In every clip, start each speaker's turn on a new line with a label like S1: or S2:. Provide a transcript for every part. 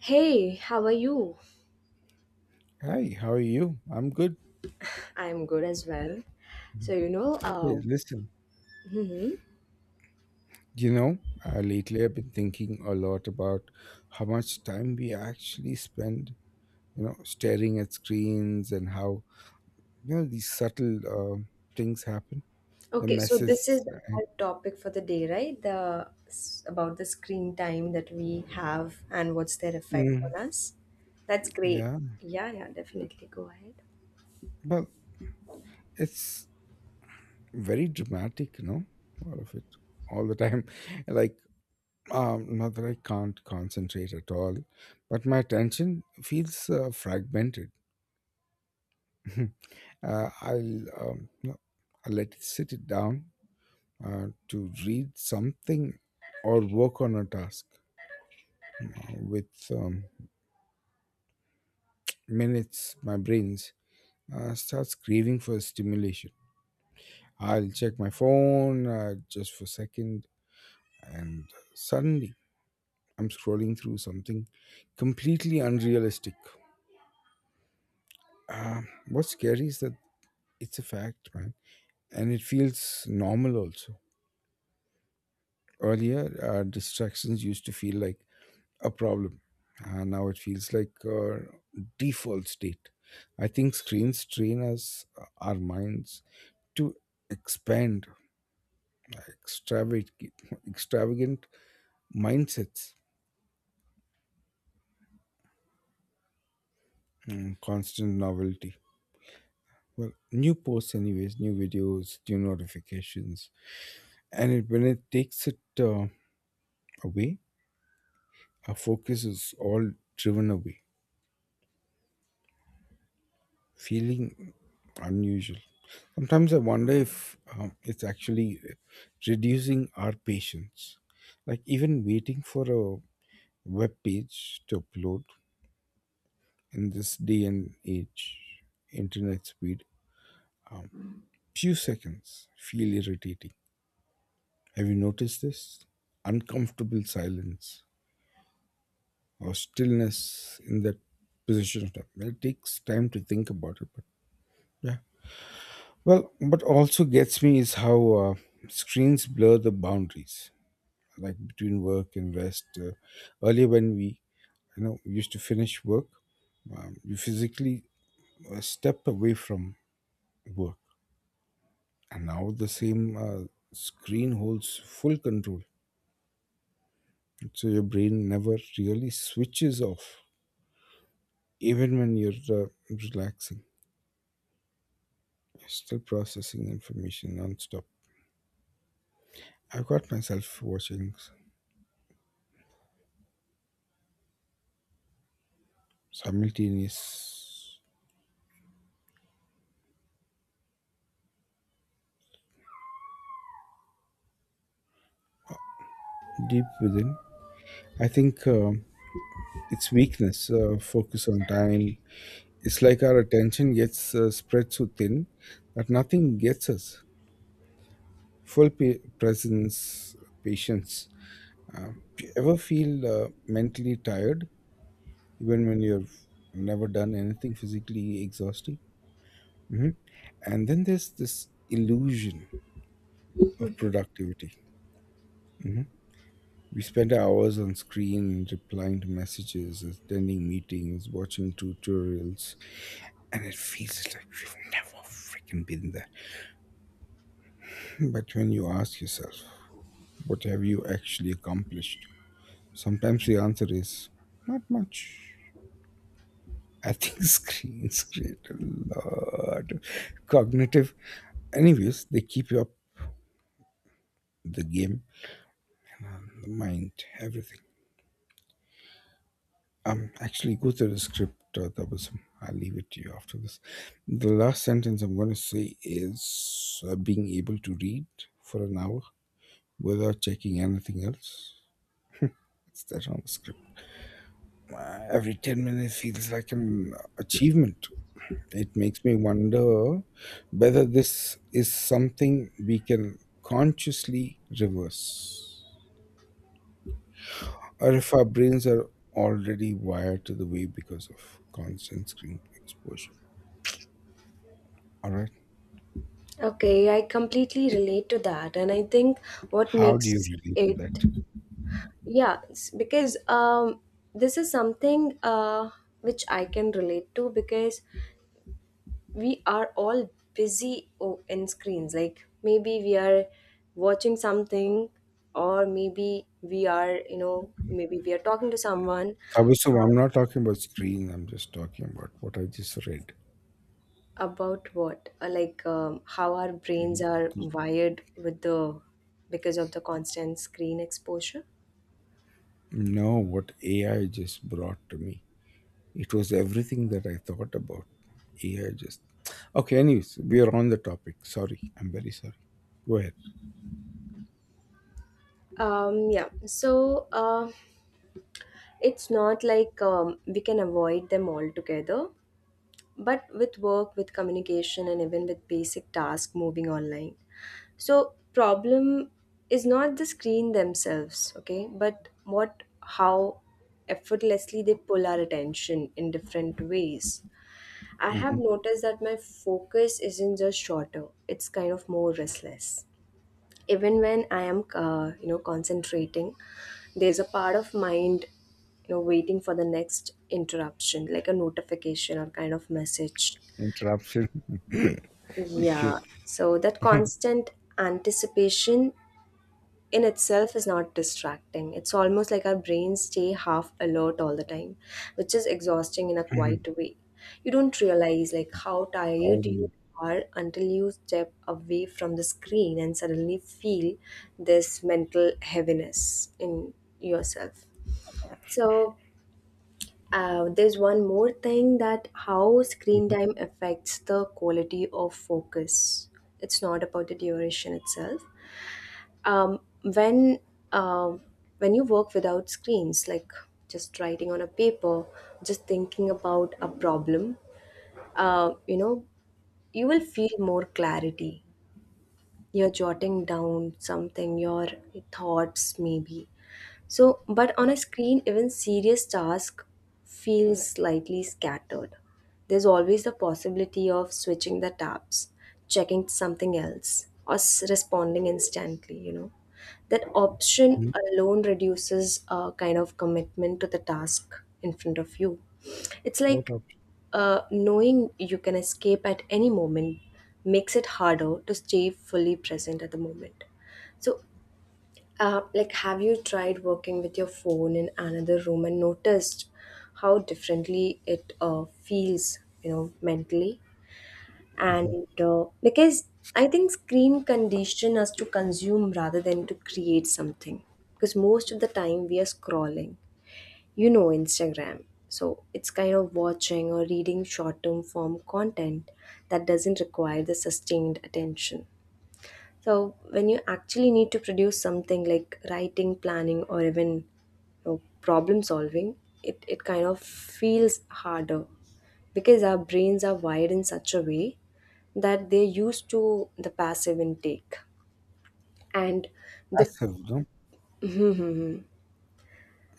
S1: Hey, how are you?
S2: Hi, how are you? I'm good.
S1: I'm good as well. So,
S2: Hey, listen,
S1: mhm.
S2: you know, lately I've been thinking a lot about how much time we actually spend, staring at screens and how, these subtle things happen, the
S1: Okay, so this is
S2: messes. And,
S1: our topic for the day, right? The about the screen time that we have and what's their effect
S2: Mm,
S1: on us. That's great.
S2: yeah.
S1: Yeah, yeah, definitely go ahead.
S2: Well, it's very dramatic, you know, all of it, all the time. Like, not that I can't concentrate at all, but my attention feels fragmented. I'll, no, I'll let it sit it down to read something or work on a task. With minutes, my brains starts craving for stimulation. I'll check my phone just for a second, and suddenly I'm scrolling through something completely unrealistic. Uh, what's scary is that it's a fact, man, and it feels normal also. Earlier, distractions used to feel like a problem. And now it feels like a default state. I think screens train us, our minds, to expand extravagant, extravagant mindsets, mm, constant novelty. Well, new posts, anyways, new videos, new notifications. And it, when it takes it away, our focus is all driven away. Feeling unusual. Sometimes I wonder if it's actually reducing our patience. Like even waiting for a web page to upload in this day and age, internet speed, um, few seconds feel irritating. Have you noticed this? Uncomfortable silence or stillness in that position of time. Well, it takes time to think about it, but yeah. Well, what also gets me is how screens blur the boundaries, like between work and rest. Earlier, when we used to finish work, you physically step away from work, and now the same screen holds full control. So your brain never really switches off, even when you're relaxing. You're still processing information nonstop. I've got myself watching simultaneous deep within. I think it's weakness, focus on time. It's like our attention gets spread so thin that nothing gets us. Full presence, patience. Do you ever feel mentally tired, even when you've never done anything physically exhausting? Hmm. And then there's this illusion of productivity. Hmm. We spend hours on screen replying to messages, attending meetings, watching tutorials, and it feels like you've never freaking been there. But when you ask yourself, what have you actually accomplished? Sometimes the answer is not much. I think screens create a lot of cognitive. Anyways, they keep you up the game, the mind, everything. Actually, go through the script, Tabasum. I'll leave it to you after this. The last sentence I'm going to say is being able to read for an hour without checking anything else. It's that on the script. Every 10 minutes feels like an achievement. It makes me wonder whether this is something we can consciously reverse or if our brains are already wired to the way because of constant screen exposure. All right.
S1: Okay, I completely relate to that, and I think what
S2: How do you
S1: makes
S2: relate to that?
S1: yeah, it's because this is something which I can relate to because we are all busy in screens, like maybe we are watching something or maybe we are, you know, maybe we are talking to someone
S2: Abusu, I'm not talking about screen. I'm just talking about what I just read.
S1: about what. How our brains
S2: Mhm.
S1: are wired with the, because of the constant screen exposure.
S2: No, what AI just brought to me. It was everything that I thought about. Yeah, just okay. Anyways, we are on the topic. Sorry, I'm very sorry. Go ahead.
S1: um yeah so uh, it's not like we can avoid them altogether, but with work, with communication, and even with basic tasks moving online. So problem is not the screen themselves, okay, but what how effortlessly they pull our attention in different ways. I have
S2: Hmm.
S1: noticed that my focus isn't just shorter; it's kind of more restless. Even when I am, you know, concentrating, there's a part of mind, you know, waiting for the next interruption, like a notification or kind of message.
S2: Interruption. Acute.
S1: Yeah. So that constant anticipation in itself is not distracting. It's almost like our brains stay half alert all the time, which is exhausting in a
S2: Mhm.
S1: quiet way. You don't realize like how
S2: How are
S1: tired you
S2: you?
S1: are until you step away from the screen and suddenly feel this mental heaviness in yourself. So there's one more thing that how screen
S2: Mhm.
S1: time affects the quality of focus. It's not about the duration itself, um, when um, when you work without screens, like just writing on a paper, just thinking about a problem, you know, you will feel more clarity, you're jotting down something, your thoughts maybe. So, but on a screen, even serious task feels slightly scattered. There's always the possibility of switching the tabs, checking something else, or responding instantly, you know. That option
S2: Mhm.
S1: alone reduces a kind of commitment to the task in front of you. It's
S2: What
S1: like,
S2: option?
S1: knowing you can escape at any moment makes it harder to stay fully present at the moment. So, like, have you tried working with your phone in another room and noticed how differently it feels, you know, mentally? And
S2: Mhm.
S1: because I think screen condition us to consume rather than to create something. Because most of the time we are scrolling, you know, Instagram. So it's kind of watching or reading short term form content that doesn't require the sustained attention. So when you actually need to produce something like writing, planning, or even you know, problem solving, it kind of feels harder because our brains are wired in such a way that they're used to the passive intake and the
S2: Passive, no?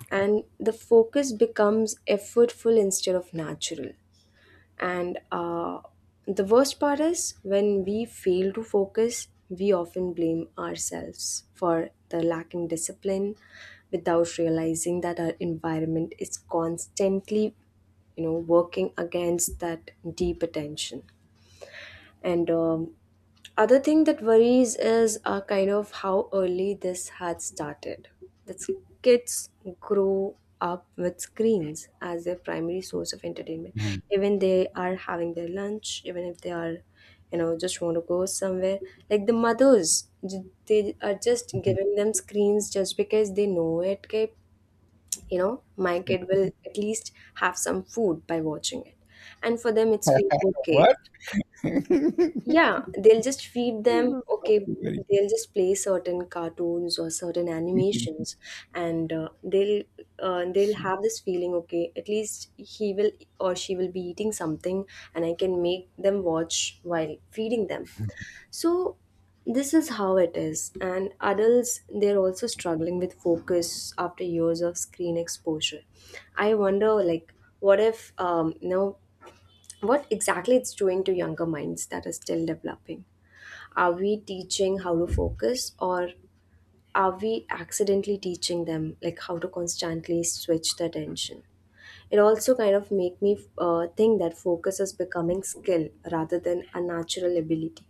S2: Okay.
S1: the focus becomes effortful instead of natural. And the worst part is when we fail to focus, we often blame ourselves for the lacking discipline without realizing that our environment is constantly, you know, working against that deep attention. And other thing that worries is kind of how early this had started. That's kids grow up with screens as their primary source of entertainment.
S2: Mhm.
S1: Even they are having their lunch, even if they are, you know, just want to go somewhere. Like the mothers, they are just
S2: Mhm.
S1: giving them screens just because they know it. Ke, you know, my kid will at least have some food by watching it, and for them it's feel okay.
S2: What?
S1: Yeah, they'll just feed
S2: This
S1: them,
S2: is so
S1: okay,
S2: very
S1: they'll just play certain cartoons or certain animations, and they'll
S2: sweet.
S1: have this feeling, okay, at least he will or she will be eating something, and I can make them watch while feeding them. So this is how it is, and adults they're also struggling with focus after years of screen exposure. I wonder like what if you know, what exactly it's doing to younger minds that are still developing. Are we teaching how to focus, or are we accidentally teaching them like how to constantly switch the attention? It also kind of make me think that focus is becoming skill rather than a natural ability,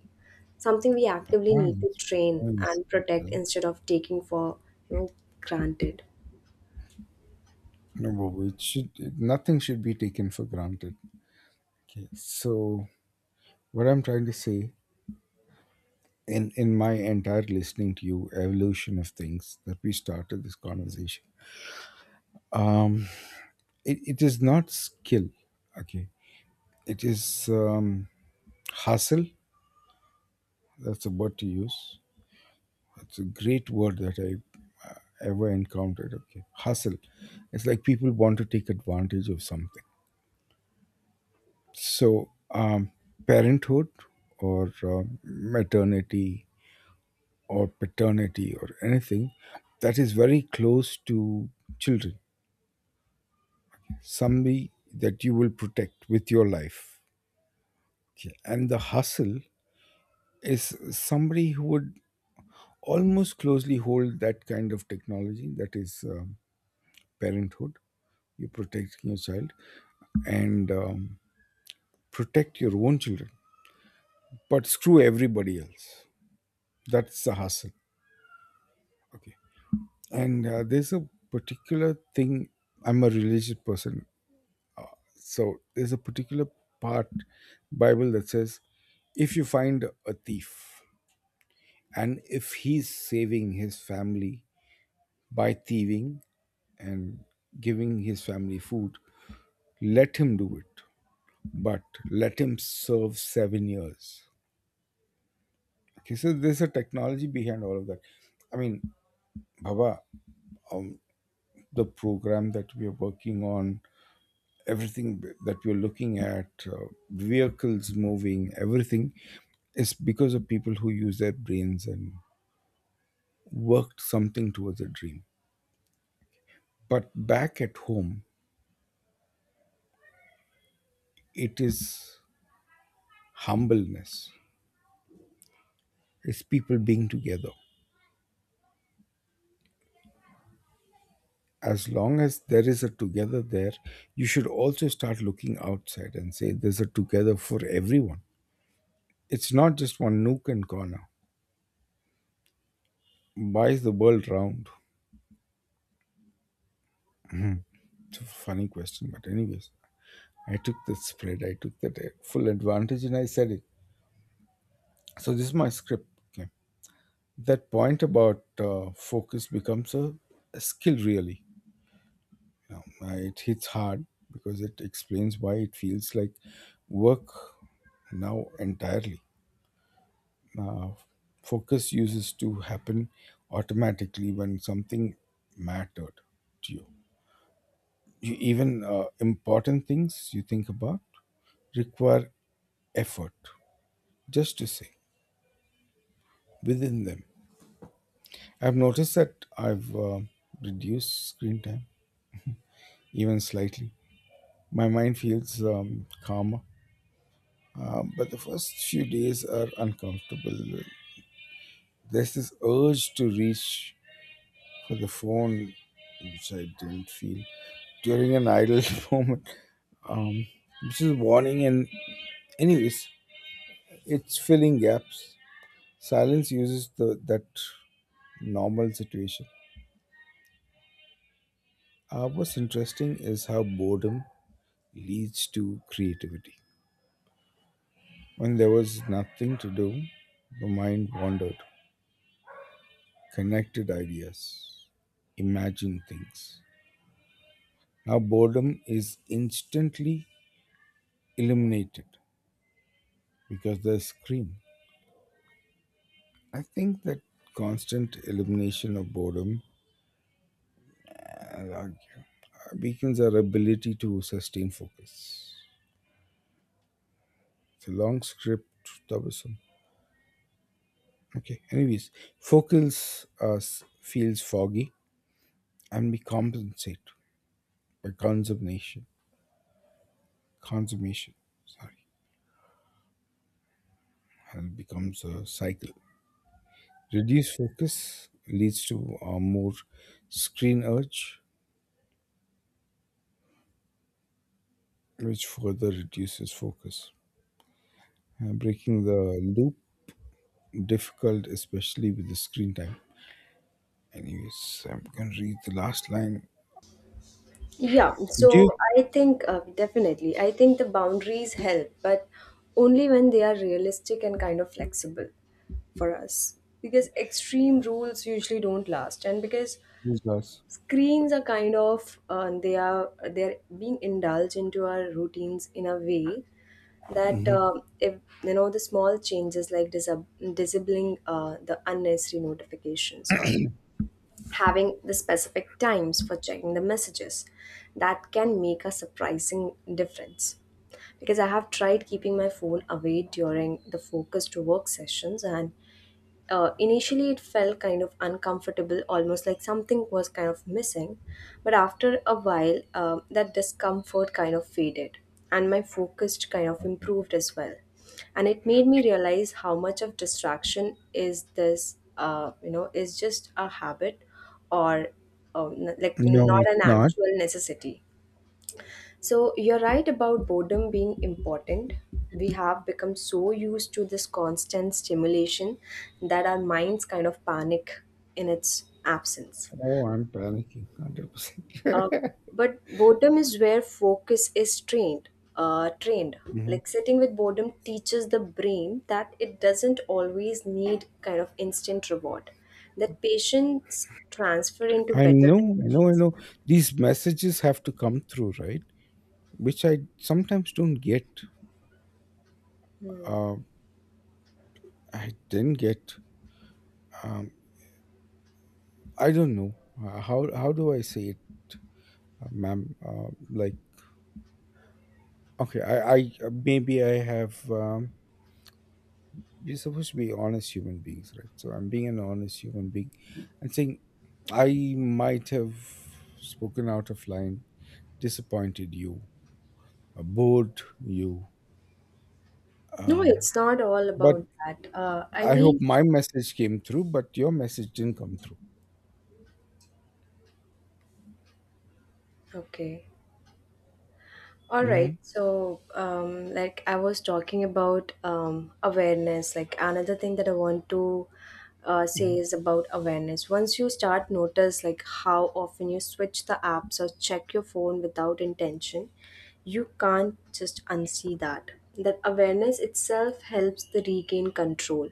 S1: something we actively
S2: Ah,
S1: need to
S2: it's-
S1: train
S2: ah, it's
S1: and
S2: cute,
S1: protect
S2: huh?
S1: instead of taking for, you know, granted.
S2: No, but it should. Nothing should be taken for granted. Okay. So what I'm trying to say in my entire listening to you evolution of things that we started this conversation, um it is not skill, okay, it is, um hustle, that's a word to use, it's a great word that I uh, ever encountered. Okay, hustle, it's like people want to take advantage of something. So, um parenthood, or maternity, or paternity, or anything that is very close to children, somebody that you will protect with your life. Okay. And the hustle is somebody who would almost closely hold that kind of technology that is parenthood. You're protecting your child and protect your own children, but screw everybody else. That's the hustle. Okay. And there's a particular thing. I'm a religious person, so there's a particular part Bible that says, if you find a thief and if he's saving his family by thieving and giving his family food, let him do it. But let him serve 7 years. Okay, so there's a technology behind all of that. I mean, Baba, um, the program that we are working on, everything that we're looking at, vehicles moving, everything is because of people who use their brains and worked something towards a dream. But back at home, it is humbleness. It's people being together. As long as there is a together there, you should also start looking outside and say there's a together for everyone. It's not just one nook and corner. Why is the world round? It's a funny question, but anyways, I took the spread, I took that full advantage, and I said it. So this is my script. Okay. That point about focus becomes a skill, really. It hits hard because it explains why it feels like work now entirely. Uh, focus uses to happen automatically when something mattered to you. You even important things you think about require effort just to say within them. I've noticed that I've reduced screen time even slightly. My mind feels calmer, but the first few days are uncomfortable. There's this urge to reach for the phone, which I didn't feel during an idle moment, um, which is warning. And, anyways, it's filling gaps. Silence uses the, that normal situation. What's interesting is how boredom leads to creativity. When there was nothing to do, the mind wandered, connected ideas, imagined things. Now, boredom is instantly eliminated, because the screen. I think that constant elimination of boredom, I'll argue, weakens our ability to sustain focus. It's a long script, troublesome. Okay, anyways, focus us feels foggy and we compensate by consummation. Consummation, sorry, and it becomes a cycle. Reduced focus leads to a more screen urge, which further reduces focus. Breaking the loop difficult, especially with the screen time. Anyways, I'm gonna read the last line.
S1: Yeah,
S2: Do you
S1: so I think definitely. I think the boundaries help, but only when they are realistic and kind of flexible for us. Because extreme rules usually don't last, and because
S2: use us?
S1: screens are kind of they're being indulged into our routines in a way that
S2: Hmm.
S1: um, if you know, the small changes like disabling the unnecessary notifications, or having the specific times for checking the messages, that can make a surprising difference, because I have tried keeping my phone away during the focused work sessions, and initially it felt kind of uncomfortable, almost like something was kind of missing, but after a while that discomfort kind of faded and my focus kind of
S2: Okay.
S1: improved as well, and it made me realize how much of distraction is this, you know, is just a habit, or um, like,
S2: No,
S1: not
S2: it's
S1: an
S2: not.
S1: actual necessity. So, you're right about boredom being important. We have become so used to this constant stimulation that our minds kind of panic in its absence.
S2: Oh, I'm panicking 100%.
S1: Uh, but boredom is where focus is trained. Trained
S2: Mhm.
S1: like sitting with boredom teaches the brain that it doesn't always need kind of instant reward, that patience transfer into
S2: I
S1: better
S2: know, I know,
S1: attention
S2: I know.
S1: span.
S2: These messages have to come through, right? Which I sometimes don't get. Uh, I didn't get. Um, I don't know. How do I say it, ma'am? Like, okay, I maybe I have. We're supposed to be honest human beings, right? So I'm being an honest human being and saying I might have spoken out of line, disappointed you, bored you.
S1: No,
S2: Um,
S1: it's not all
S2: but
S1: about that, I
S2: I
S1: mean,
S2: hope my message came through, but your message didn't come through.
S1: okay. All
S2: Hmm.
S1: right. So, like I was talking about awareness, like another thing that I want to
S2: Hmm.
S1: say is about awareness. Once you start notice like how often you switch the apps or check your phone without intention, you can't just unsee that. That awareness itself helps the regain control.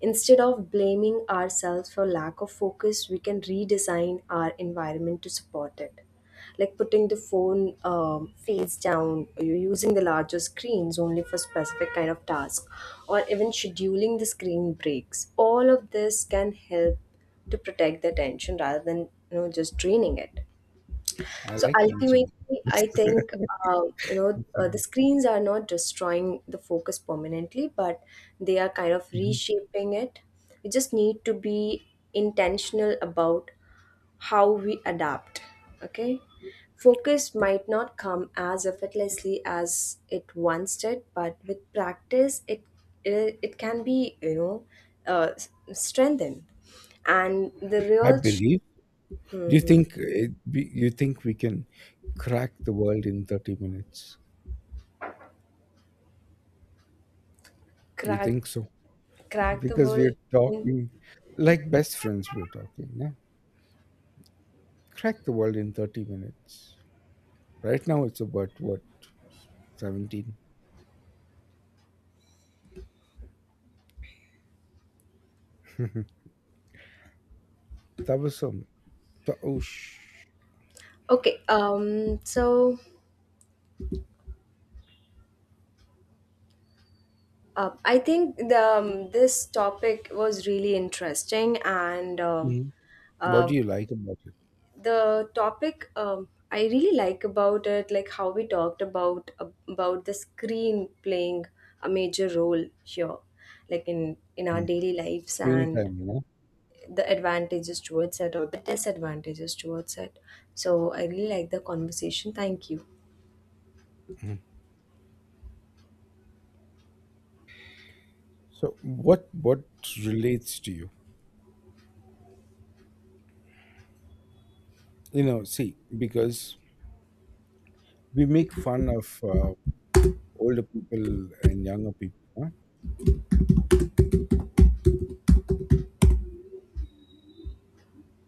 S1: Instead of blaming ourselves for lack of focus, we can redesign our environment to support it, like putting the phone face down, or you're using the larger screens only for specific kind of task, or even scheduling the screen breaks. All of this can help to protect the attention rather than, you know, just draining it.
S2: I
S1: So
S2: like tension.
S1: ultimately I think, uh, you know, the
S2: Sorry.
S1: screens are not destroying the focus permanently, but they are kind of
S2: Mhm.
S1: reshaping it. We just need to be intentional about how we adapt. Okay, focus might not come as effortlessly as it once did, but with practice it can be, you know, strengthened, and the
S2: I
S1: real
S2: believe.
S1: hmm
S2: Do you
S1: hmm,
S2: think it, we- you think we can crack the world in 30 minutes? Do you
S1: crack,
S2: think so?
S1: crack the
S2: Because
S1: whole
S2: we're
S1: thing.
S2: talking like best friends, we're talking. Yeah. Crack the world in 30 minutes. Right now, it's about what, 17. That was some. th- oh, sh-
S1: Okay, I think the this topic was really interesting, and
S2: Mm. What
S1: uh,
S2: do you like about it?
S1: the topic, I really like about it, like how we talked about the screen playing a major role here, like in our
S2: Mm.
S1: daily lives, and
S2: Springtime, you know.
S1: the advantages towards it or the disadvantages towards it. So I really like the conversation. Thank you.
S2: So, what relates to you? You know, see, because we make fun of older people and younger people. Huh?